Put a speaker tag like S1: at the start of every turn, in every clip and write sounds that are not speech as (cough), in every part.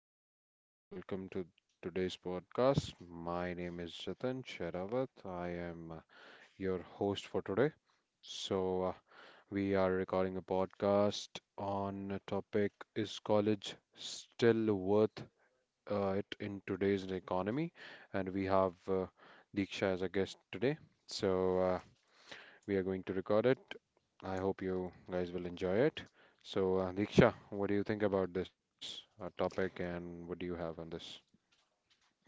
S1: everyone. Welcome to today's podcast. My name is Jatin Sherawat. I am your host for today. So, uh, we are recording a podcast on a topic: Is college still worth it in today's economy? And we have Diksha as a guest today. So, uh, we are going to record it. I hope you guys will enjoy it. Diksha, what do you think about this topic and what do you have on this?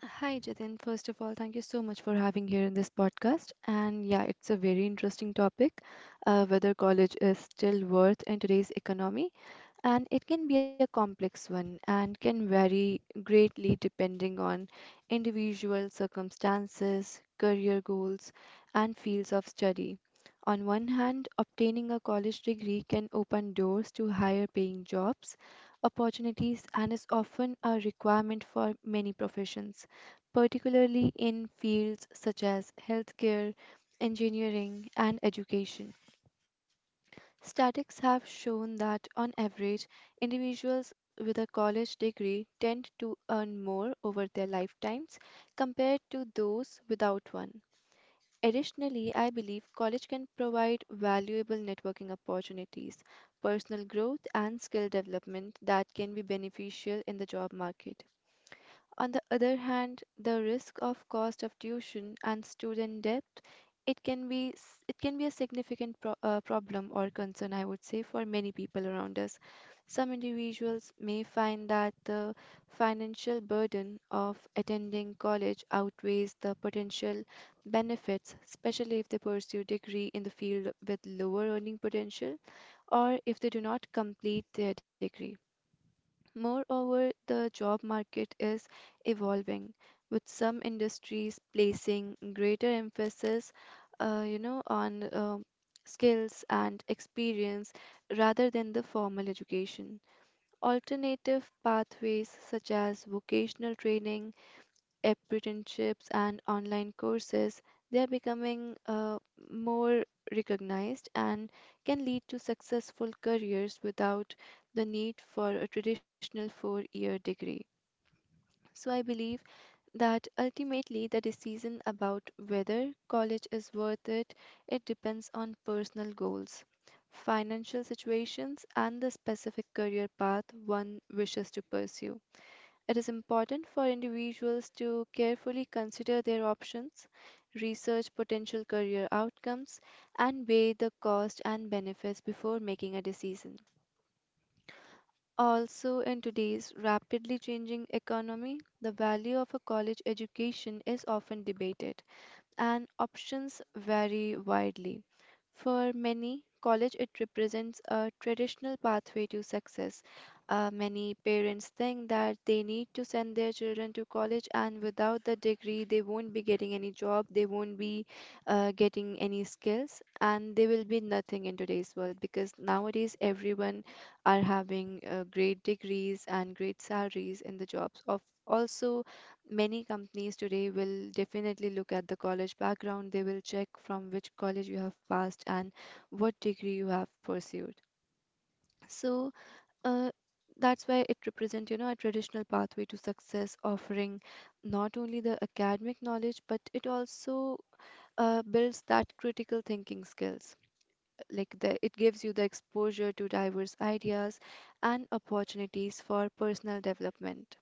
S2: Hi, Jatin. First of all, thank you so much for having here in this podcast. And yeah, it's a very interesting topic, whether college is still worth in today's economy and it can be a complex one and can vary greatly depending on individual circumstances, career goals, and fields of study. On one hand, obtaining a college degree can open doors to higher paying jobs, opportunities, and is often a requirement for many professions, particularly in fields such as healthcare, engineering, and education. Statistics have shown that, on average, individuals with a college degree tend to earn more over their lifetimes compared to those without one. Additionally, I believe college can provide valuable networking opportunities, personal growth, and skill development that can be beneficial in the job market. On the other hand, the risk of cost of tuition and student debt, it can be a significant problem or concern, I would say, for many people around us. Some individuals may find that the financial burden of attending college outweighs the potential benefits, especially if they pursue degree in the field with lower earning potential or if they do not complete their degree. Moreover, the job market is evolving, with some industries placing greater emphasis, on skills and experience rather than the formal education. Alternative pathways such as vocational training, apprenticeships and online courses, they are becoming more recognized and can lead to successful careers without the need for a traditional 4-year degree. So, I believe that ultimately the decision about whether college is worth it, it depends on personal goals, financial situations, and the specific career path one wishes to pursue. It is important for individuals to carefully consider their options, research potential career outcomes, and weigh the cost and benefits before making a decision. Also, in today's rapidly changing economy, the value of a college education is often debated and options vary widely. For many, college it represents a traditional pathway to success. Many parents think that they need to send their children to college, and without the degree, they won't be getting any job, they won't be getting any skills, and they will be nothing in today's world because nowadays everyone are having great degrees and great salaries in the jobs of also. Many companies today will definitely look at the college background. They will check from which college you have passed and what degree you have pursued. So, uh, that's why it represents, you know, a traditional pathway to success, offering not only the academic knowledge, but it also builds that critical thinking skills. Like the, it gives you the exposure to diverse ideas and opportunities for personal development.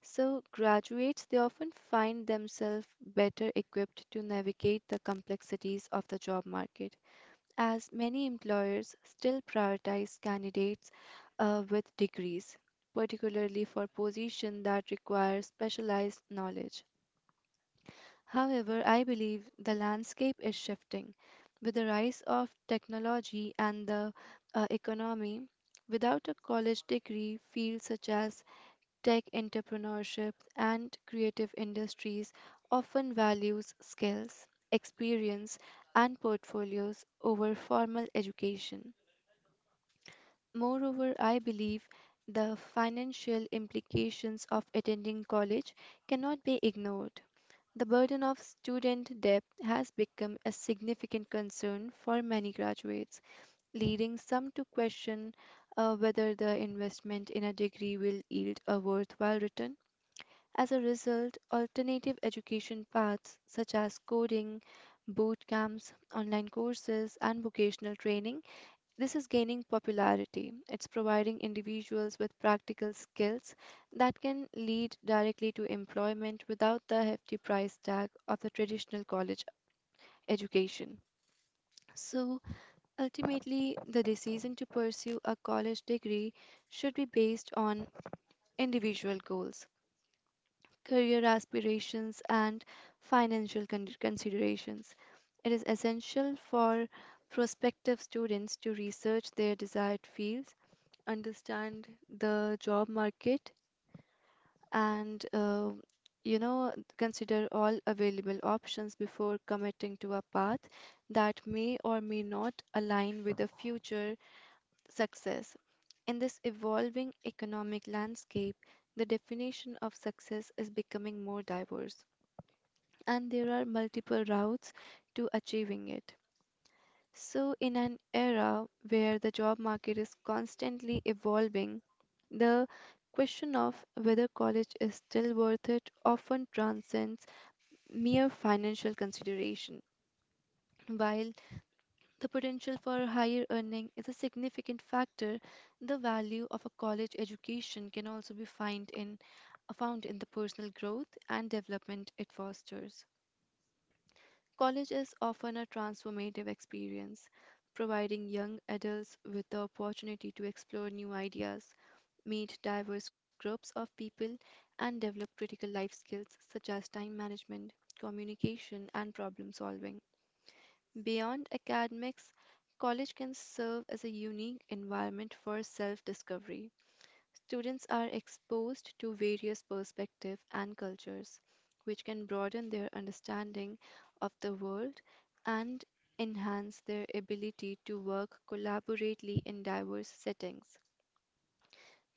S2: So, graduates they often find themselves better equipped to navigate the complexities of the job market, as many employers still prioritize candidates with degrees, particularly for positions that require specialized knowledge. However, I believe the landscape is shifting. With the rise of technology and the economy, without a college degree, fields such as tech entrepreneurship and creative industries often values skills, experience, and portfolios over formal education. Moreover, I believe the financial implications of attending college cannot be ignored. The burden of student debt has become a significant concern for many graduates, leading some to question whether the investment in a degree will yield a worthwhile return. As a result, alternative education paths such as coding, boot camps, online courses, and vocational training, this is gaining popularity. It's providing individuals with practical skills that can lead directly to employment without the hefty price tag of the traditional college education. So, ultimately, the decision to pursue a college degree should be based on individual goals, career aspirations, and financial considerations. It is essential for prospective students to research their desired fields, understand the job market, and you know, consider all available options before committing to a path that may or may not align with a future success. In this evolving economic landscape, the definition of success is becoming more diverse and there are multiple routes to achieving it. So, in an era where the job market is constantly evolving, the question of whether college is still worth it often transcends mere financial consideration. While the potential for higher earning is a significant factor, the value of a college education can also be found in the personal growth and development it fosters. College is often a transformative experience, providing young adults with the opportunity to explore new ideas, meet diverse groups of people, and develop critical life skills such as time management, communication, and problem solving. Beyond academics, college can serve as a unique environment for self discovery. Students are exposed to various perspectives and cultures, which can broaden their understanding of the world and enhance their ability to work collaboratively in diverse settings.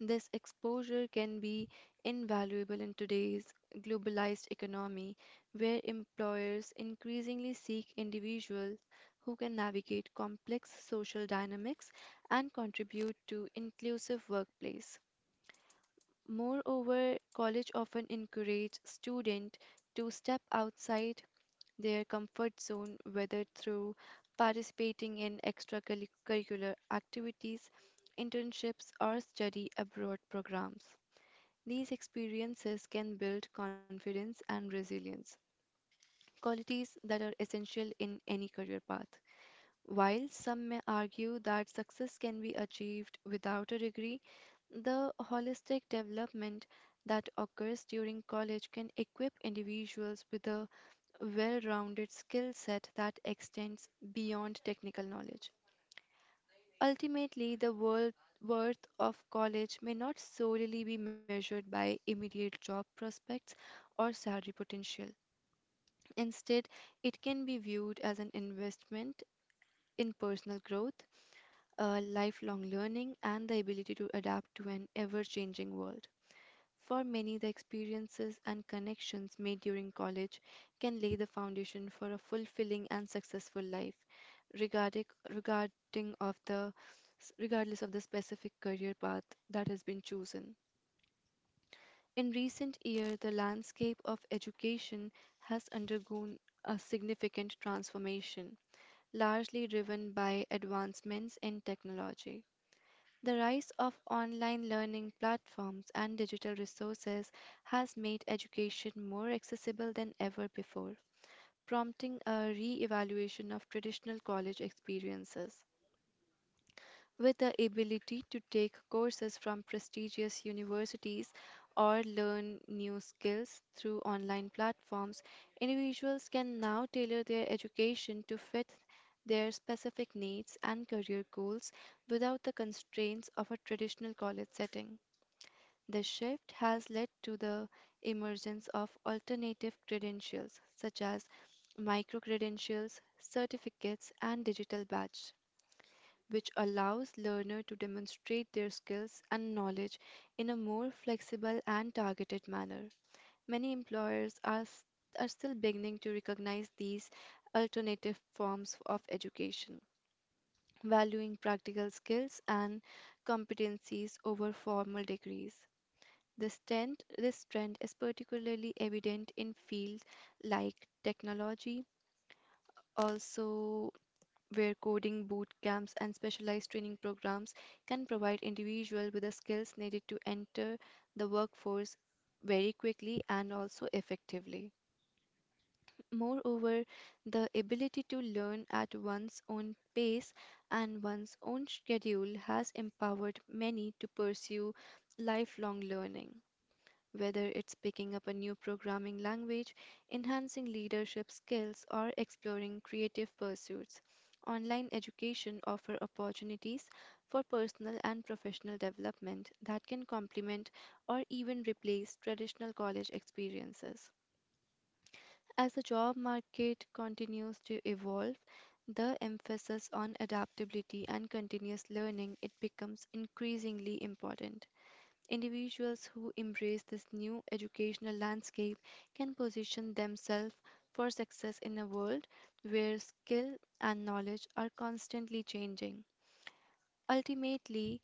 S2: This exposure can be invaluable in today's globalized economy, where employers increasingly seek individuals who can navigate complex social dynamics and contribute to inclusive workplace. Moreover, college often encourage students to step outside their comfort zone, whether through participating in extracurricular activities, internships, or study abroad programs. These experiences can build confidence and resilience, qualities that are essential in any career path. While some may argue that success can be achieved without a degree, the holistic development that occurs during college can equip individuals with a well rounded skill set that extends beyond technical knowledge. Ultimately, the world worth of college may not solely be measured by immediate job prospects or salary potential. Instead, it can be viewed as an investment in personal growth, lifelong learning, and the ability to adapt to an ever changing world. For many, the experiences and connections made during college can lay the foundation for a fulfilling and successful life, regarding, regarding of the, regardless of the specific career path that has been chosen. In recent years, the landscape of education has undergone a significant transformation, largely driven by advancements in technology. The rise of online learning platforms and digital resources has made education more accessible than ever before, prompting a re evaluation of traditional college experiences with the ability to take courses from prestigious universities or learn new skills through online platforms, individuals can now tailor their education to fit their specific needs and career goals without the constraints of a traditional college setting. The shift has led to the emergence of alternative credentials such as micro credentials, certificates, and digital badge which allows learner to demonstrate their skills and knowledge in a more flexible and targeted manner. Many employers are, are still beginning to recognize these alternative forms of education, valuing practical skills and competencies over formal degrees. This trend is particularly evident in fields like technology, also where coding boot camps and specialized training programs can provide individuals with the skills needed to enter the workforce very quickly and also effectively. Moreover, the ability to learn at one's own pace and one's own schedule has empowered many to pursue lifelong learning whether it's picking up a new programming language, enhancing leadership skills, or exploring creative pursuits. Online education offers opportunities for personal and professional development that can complement or even replace traditional college experiences. As the job market continues to evolve, the emphasis on adaptability and continuous learning it becomes increasingly important. Individuals who embrace this new educational landscape can position themselves for success in a world where skill and knowledge are constantly changing. Ultimately,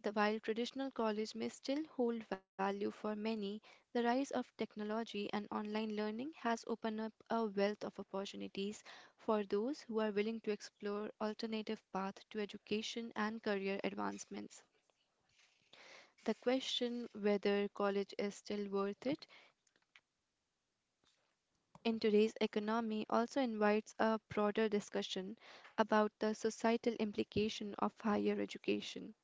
S2: while traditional college may still hold value for many, the rise of technology and online learning has opened up a wealth of opportunities for those who are willing to explore alternative paths to education and career advancements. The question whether college is still worth it in today's economy also invites a broader discussion about the societal implication of higher education.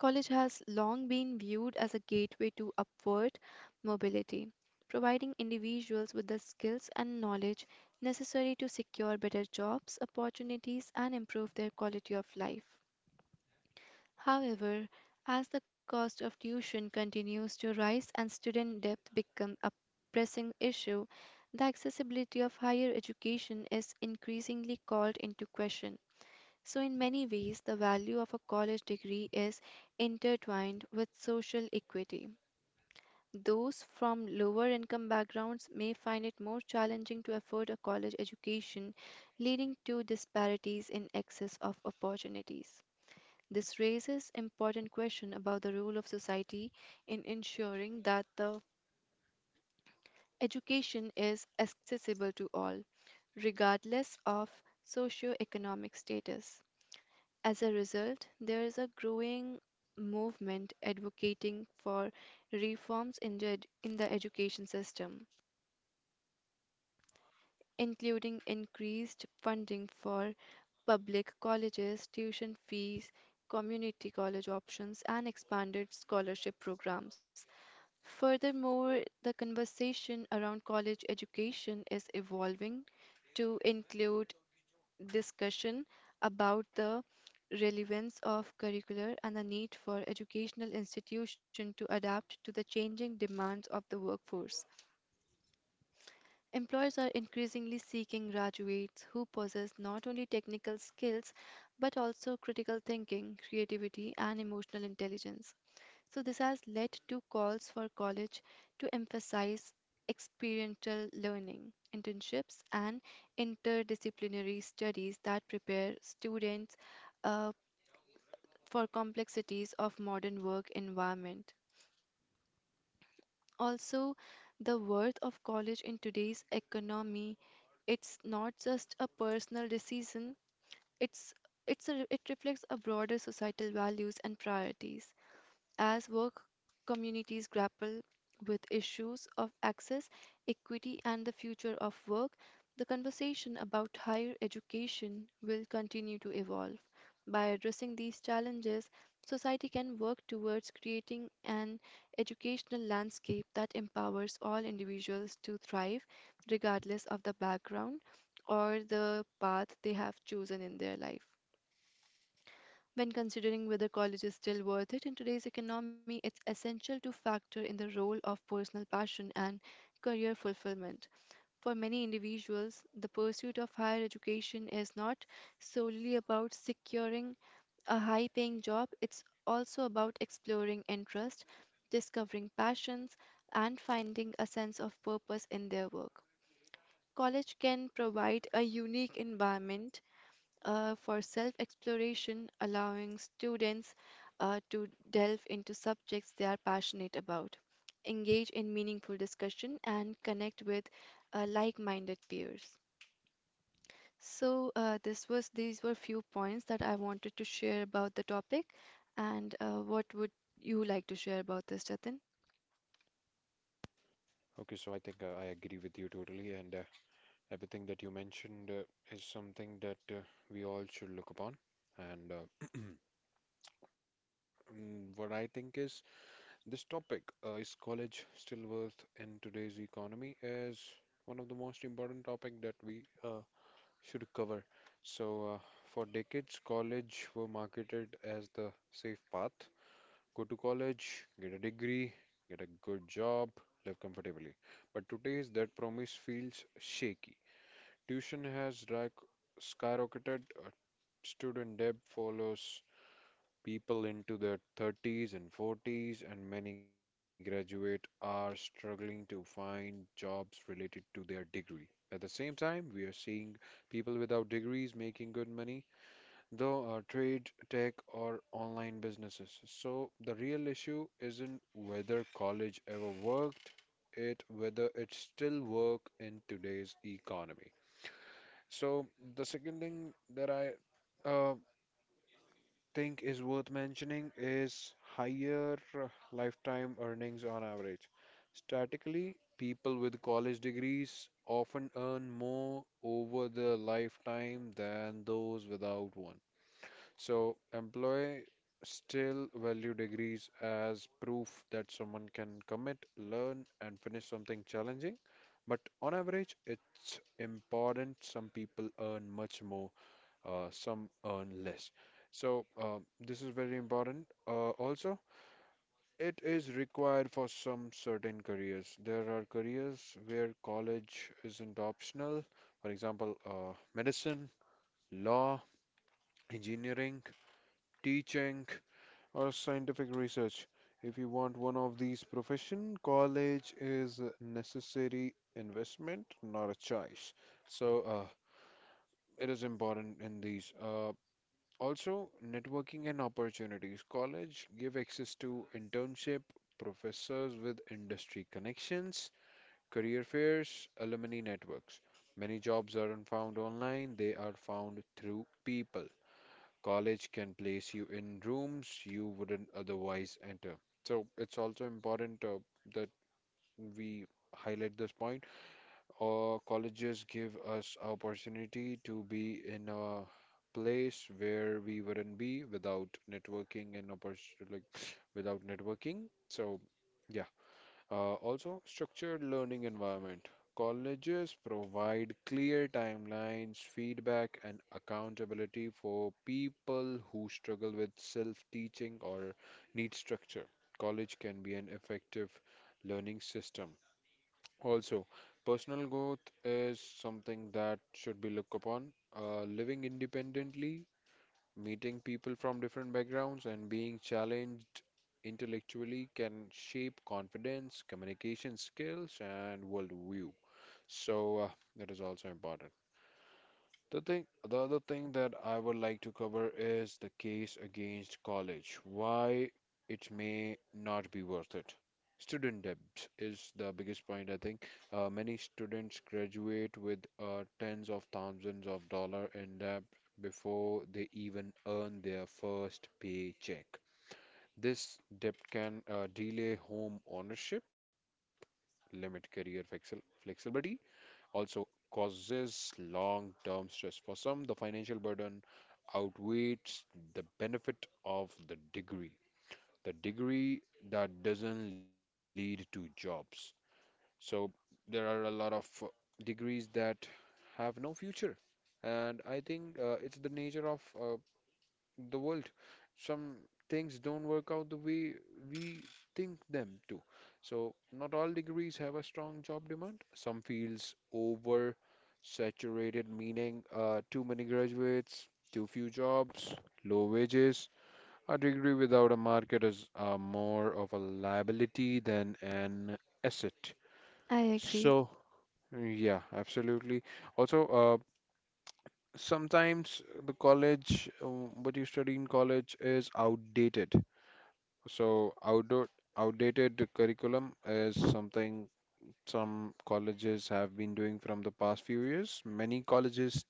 S2: College has long been viewed as a gateway to upward mobility, providing individuals with the skills and knowledge necessary to secure better jobs, opportunities, and improve their quality of life. However, as the cost of tuition continues to rise and student debt become a pressing issue, the accessibility of higher education is increasingly called into question. So, in many ways, the value of a college degree is intertwined with social equity. Those from lower income backgrounds may find it more challenging to afford a college education, leading to disparities in access of opportunities. This raises important question about the role of society in ensuring that the education is accessible to all, regardless of socioeconomic status. As a result, there is a growing movement advocating for reforms in the education system, including increased funding for public colleges, tuition fees, community college options, and expanded scholarship programs. Furthermore, the conversation around college education is evolving to include discussion about the relevance of curricular and the need for educational institutions to adapt to the changing demands of the workforce. Employers are increasingly seeking graduates who possess not only technical skills but also critical thinking, creativity, and emotional intelligence. So, this has led to calls for college to emphasize experiential learning, internships, and interdisciplinary studies that prepare students uh, for complexities of modern work environment. Also, the worth of college in today's economy, it's not just a personal decision, it's, it reflects a broader societal values and priorities. As work communities grapple with issues of access, equity, and the future of work, the conversation about higher education will continue to evolve. By addressing these challenges, society can work towards creating an educational landscape that empowers all individuals to thrive, regardless of the background or the path they have chosen in their life. When considering whether college is still worth it in today's economy, it's essential to factor in the role of personal passion and career fulfillment. For many individuals, the pursuit of higher education is not solely about securing a high paying job, it's also about exploring interest, discovering passions, and finding a sense of purpose in their work. College can provide a unique environment for self exploration, allowing students to delve into subjects they are passionate about, engage in meaningful discussion, and connect with like minded peers. So, this was these were few points that I wanted to share about the topic. And what would you like to share about this, Jatin?
S1: Okay, so I think I agree with you totally, and everything that you mentioned is something that we all should look upon. And (clears throat) what I think is this topic is college still worth in today's economy is one of the most important topic that we should cover. So, uh, for decades, college were marketed as the safe path. Go to college, get a degree, get a good job, live comfortably. But today's that promise feels shaky. Tuition has like skyrocketed, uh, student debt follows people into their 30s and 40s, and many graduate are struggling to find jobs related to their degree. At the same time, we are seeing people without degrees making good money, though our trade, tech, or online businesses. So the real issue isn't whether college ever worked, it whether it still work in today's economy. So the second thing that I uh, think is worth mentioning is higher lifetime earnings on average. Statistically, people with college degrees often earn more over their lifetime than those without one. So, employers still value degrees as proof that someone can commit, learn, and finish something challenging. But on average, it's important some people earn much more some earn less. So this is very important. Also, it is required for some certain careers. There are careers where college isn't optional. For example, medicine, law, engineering, teaching, or scientific research. If you want one of these profession, college is a necessary investment, not a choice. So it is important in these. Also, networking and opportunities. College give access to internship, professors with industry connections, career fairs, alumni networks. Many jobs aren't found online, they are found through people. College can place you in rooms you wouldn't otherwise enter. So it's also important that we highlight this point or colleges give us opportunity to be in a place where we wouldn't be without networking and opportunity like (sniffs) without networking. So yeah. Also structured learning environment. Colleges provide clear timelines, feedback, and accountability for people who struggle with self-teaching or need structure. College can be an effective learning system also, personal growth is something that should be looked upon. Living independently, meeting people from different backgrounds, and being challenged intellectually can shape confidence, communication skills, and worldview. So, that is also important. The thing, the other thing that I would like to cover is the case against college, why it may not be worth it. Student debt is the biggest point, I think. Many students graduate with tens of thousands of dollars in debt before they even earn their first paycheck. This debt can delay home ownership, limit career flexibility also causes long term stress. For some, the financial burden outweighs the benefit of the degree that doesn't lead to jobs. So, there are a lot of degrees that have no future. And I think it's the nature of the world. Some things don't work out the way we think them to. So, not all degrees have a strong job demand. Some fields over saturated, meaning too many graduates, too few jobs, low wages. A degree without a market is more of a liability than an asset.
S2: I agree.
S1: So, yeah, absolutely. Also, sometimes the college, what you study in college is outdated. So outdoor outdated curriculum is something some colleges have been doing from the past few years. Many colleges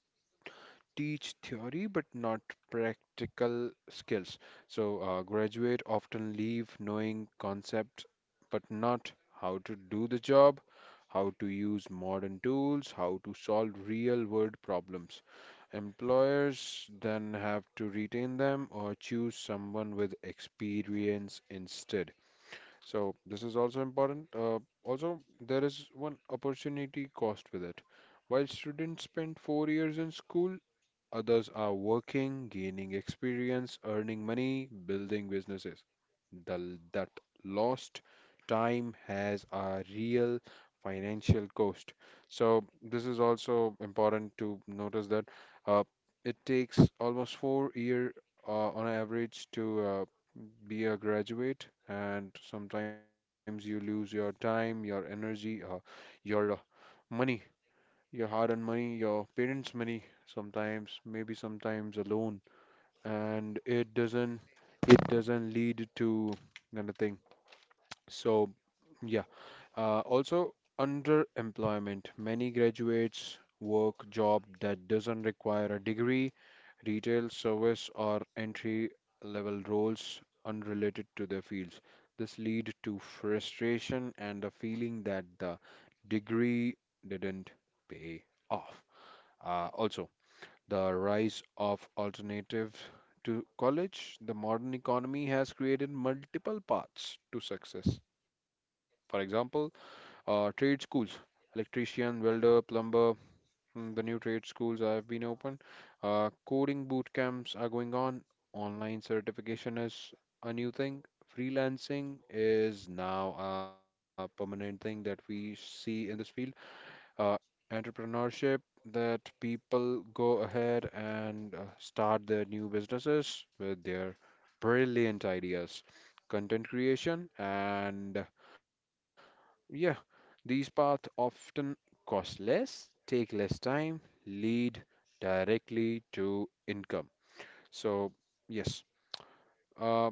S1: teach theory but not practical skills. So graduate often leave knowing concepts but not how to do the job, how to use modern tools, how to solve real world problems. Employers then have to retain them or choose someone with experience instead. So this is also important. Also, there is one opportunity cost with it. While students spend four years in school, others are working, gaining experience, earning money, building businesses. The, that lost time has a real financial cost. So, this is also important to notice that uh, it takes almost four year on average to be a graduate, and sometimes you lose your time, your energy, your money your hard-earned money, your parents' money sometimes, maybe sometimes alone, and it doesn't lead to anything. So yeah, also underemployment. Many graduates work job that doesn't require a degree, retail, service, or entry level roles unrelated to their fields. This lead to frustration and a feeling that the degree didn't pay off. Also, the rise of alternative to college, the modern economy has created multiple paths to success. For example, trade schools, electrician, welder, plumber, the new trade schools have been opened. Coding boot camps are going on. Online certification is a new thing. Freelancing is now a permanent thing that we see in this field uh, entrepreneurship that people go ahead and start their new businesses with their brilliant ideas, content creation, and yeah, these paths often cost less, take less time, lead directly to income. So, yes. Uh,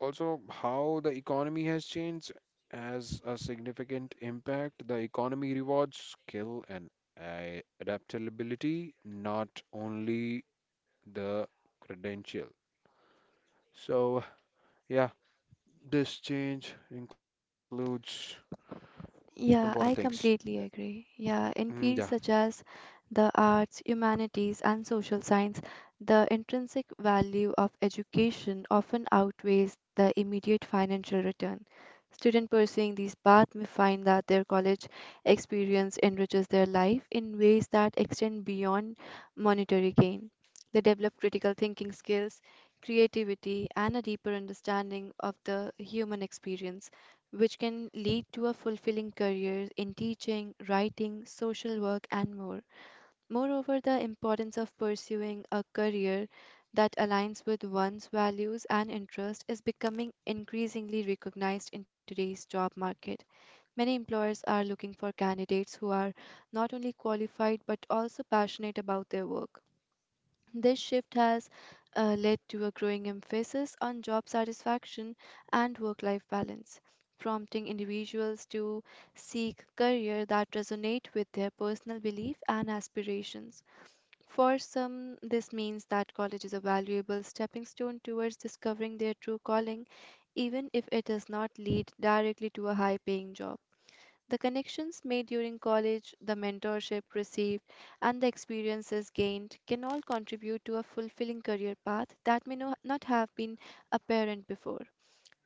S1: also, how the economy has changed has a significant impact. The economy rewards skill and adaptability, not only the credential. So, yeah, this change includes important
S2: Yeah, I
S1: things.
S2: completely agree. Yeah, in
S1: Mm,
S2: fields
S1: yeah.
S2: such as the arts, humanities, and social science, the intrinsic value of education often outweighs the immediate financial return. Students pursuing these paths may find that their college experience enriches their life in ways that extend beyond monetary gain. They develop critical thinking skills, creativity, and a deeper understanding of the human experience which can lead to a fulfilling career in teaching, writing, social work, and more. Moreover, the importance of pursuing a career that aligns with one's values and interests is becoming increasingly recognized in today's job market. Many employers are looking for candidates who are not only qualified but also passionate about their work. This shift has led to a growing emphasis on job satisfaction and work life balance, prompting individuals to seek career that resonate with their personal belief and aspirations. For some, this means that college is a valuable stepping stone towards discovering their true calling, even if it does not lead directly to a high paying job. The connections made during college, the mentorship received, and the experiences gained can all contribute to a fulfilling career path that may not have been apparent before.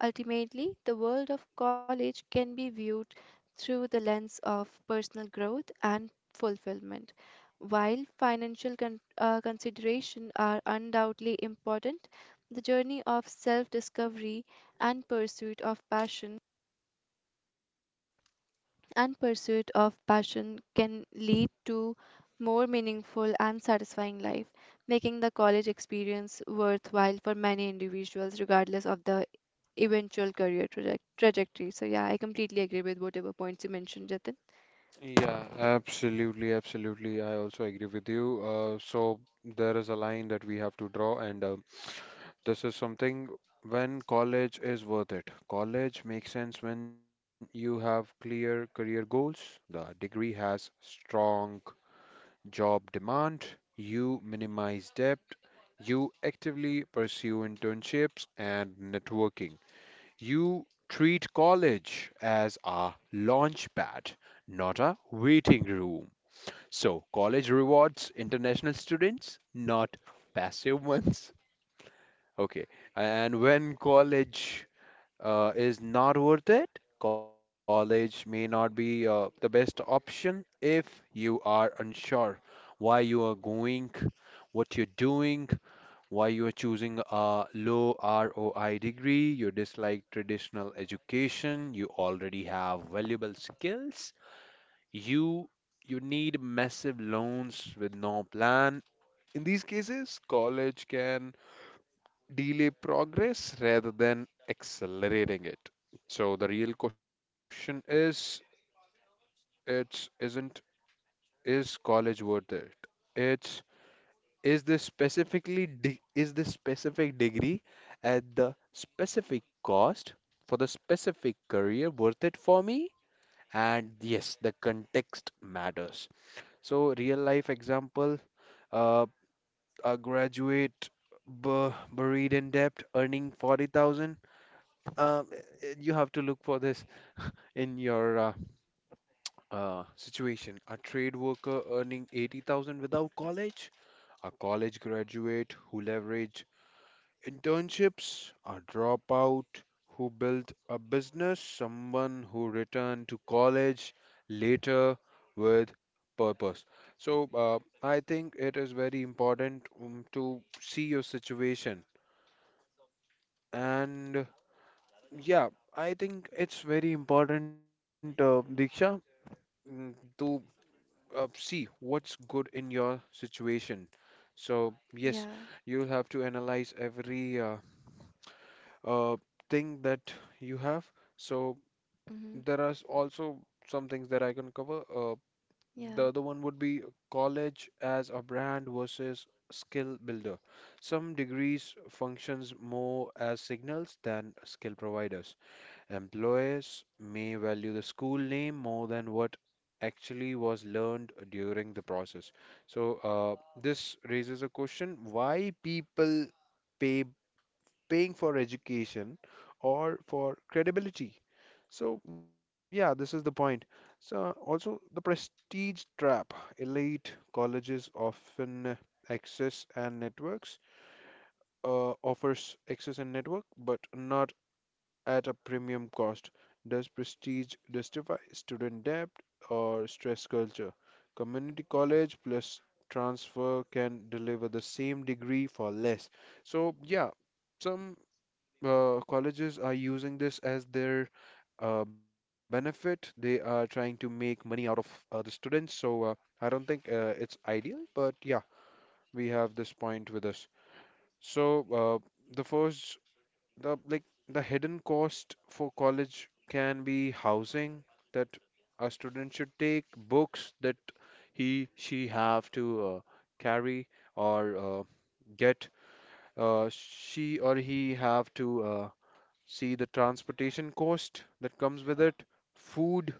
S2: Ultimately, the world of college can be viewed through the lens of personal growth and fulfillment. While considerations are undoubtedly important, the journey of self discovery and pursuit of passion and pursuit of passion can lead to more meaningful and satisfying life, making the college experience worthwhile for many individuals, regardless of the eventual trajectory. So, yeah, I completely agree with whatever points you mentioned, Jatin.
S1: Yeah, absolutely, absolutely. I also agree with you. So there is a line that we have to draw, and this is something when college is worth it. College makes sense when you have clear career goals, the degree has strong job demand, you minimize debt, you actively pursue internships and networking. You treat college as a launch pad, not a waiting room. So, college rewards international students, not passive ones. Okay, and when college is not worth it, college may not be the best option if you are unsure why you are going, what you're doing, why you are choosing a low ROI degree, you dislike traditional education, you already have valuable skills, you you need massive loans with no plan. In these cases, college can delay progress rather than accelerating it. So the real question is, it's isn't is college worth it? It's is this specific degree at the specific cost for the specific career worth it for me? And yes, the context matters. So real life example, uh, a graduate buried in debt earning 40,000. Um, you have to look for this in your situation. A trade worker earning 80,000 without college, a college graduate who leverage Internships, a dropout who built a business, someone who returned to college later with purpose. So, I think it is very important to see your situation. And yeah, I think it's very important, Diksha, mm, to see what's good in your situation. So, yes,
S2: Yeah.
S1: you'll have to analyze every uh, thing that you have. So
S2: Hmm.
S1: there are also some things that I can cover. The
S2: Yeah.
S1: other one would be college as a brand versus skill builder. Some degrees functions more as signals than skill providers. Employers may value the school name more than what actually was learned during the process. So this raises a question: Why people? pay Paying for education or for credibility. So, yeah, this is the point. So, also the prestige trap. Elite colleges often access and networks, offers access and network, but not at a premium cost. Does prestige justify student debt or stress culture? Community college plus transfer can deliver the same degree for less. So, yeah, some colleges are using this as their benefit. They are trying to make money out of the students. So I don't think it's ideal, but yeah, we have this point with us. So the first, the like the hidden cost for college can be housing that a student should take, books that he she have to carry or get. She or he have to. See the transportation cost that comes with it, food,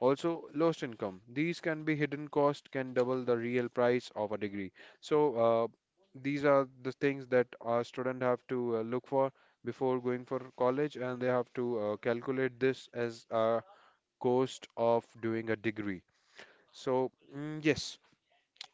S1: also lost income. These can be hidden cost can double the real price of a degree. So these are the things that our student have to look for before going for college, and they have to calculate this as a cost of doing a degree. So yes,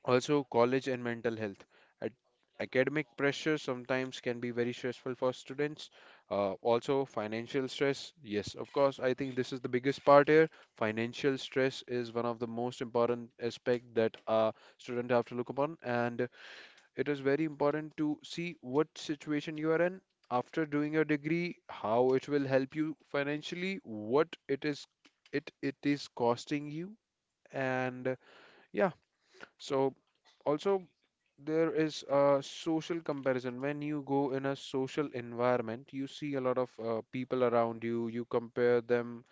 S1: also, college and mental health. Ac- Academic pressure sometimes can be very stressful for students. Also, financial stress. Yes, of course, I think this is the biggest part here. Financial stress is one of the most important aspect that a student have to look upon, and it is very important to see what situation you are in after doing your degree, how it will help you financially, what it is it it is costing you, and yeah. So also there is a social comparison. When you go in a social environment, you see a lot of people around you, you compare them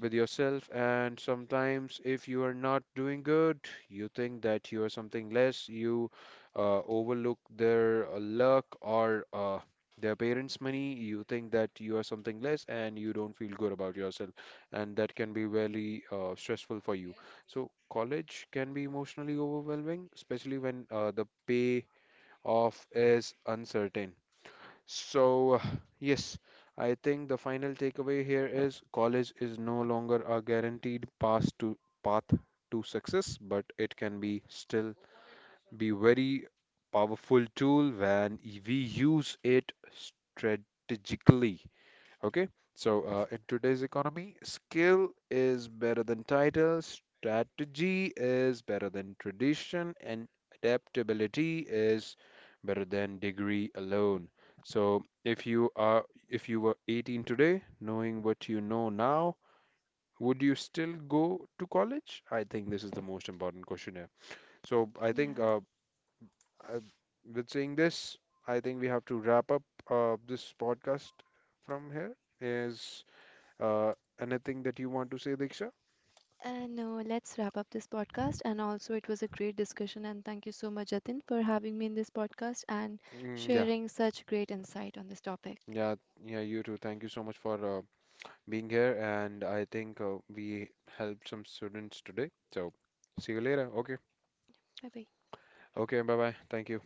S1: with yourself. And sometimes, if you are not doing good, you think that you are something less, you overlook their luck or their parents' money, you think that you are something less and you don't feel good about yourself. And that can be really stressful for you. So, college can be emotionally overwhelming, especially when the payoff is uncertain. So, (sighs) yes, I think the final takeaway here is college is no longer a guaranteed path to success, but it can be still be very powerful tool when we use it strategically. Okay, so in today's economy, skill is better than title, strategy is better than tradition, and adaptability is better than degree alone. So if you were 18 today, knowing what you know now, would you still go to college? I think this is the most important question here. So I think
S2: Yeah,
S1: uh, with saying this, I think we have to wrap up this podcast from here. Is uh, anything that you want to say, Diksha?
S2: and no, let's wrap up this podcast. And also, it was a great discussion. And thank you so much, Jatin, for having me in this podcast and
S1: Mm, yeah,
S2: sharing such great insight on this topic.
S1: yeah, yeah, you too. Thank you so much for being here. And I think we helped some students today. So see you later. Okay.
S2: Bye bye.
S1: Okay, bye bye. Thank you.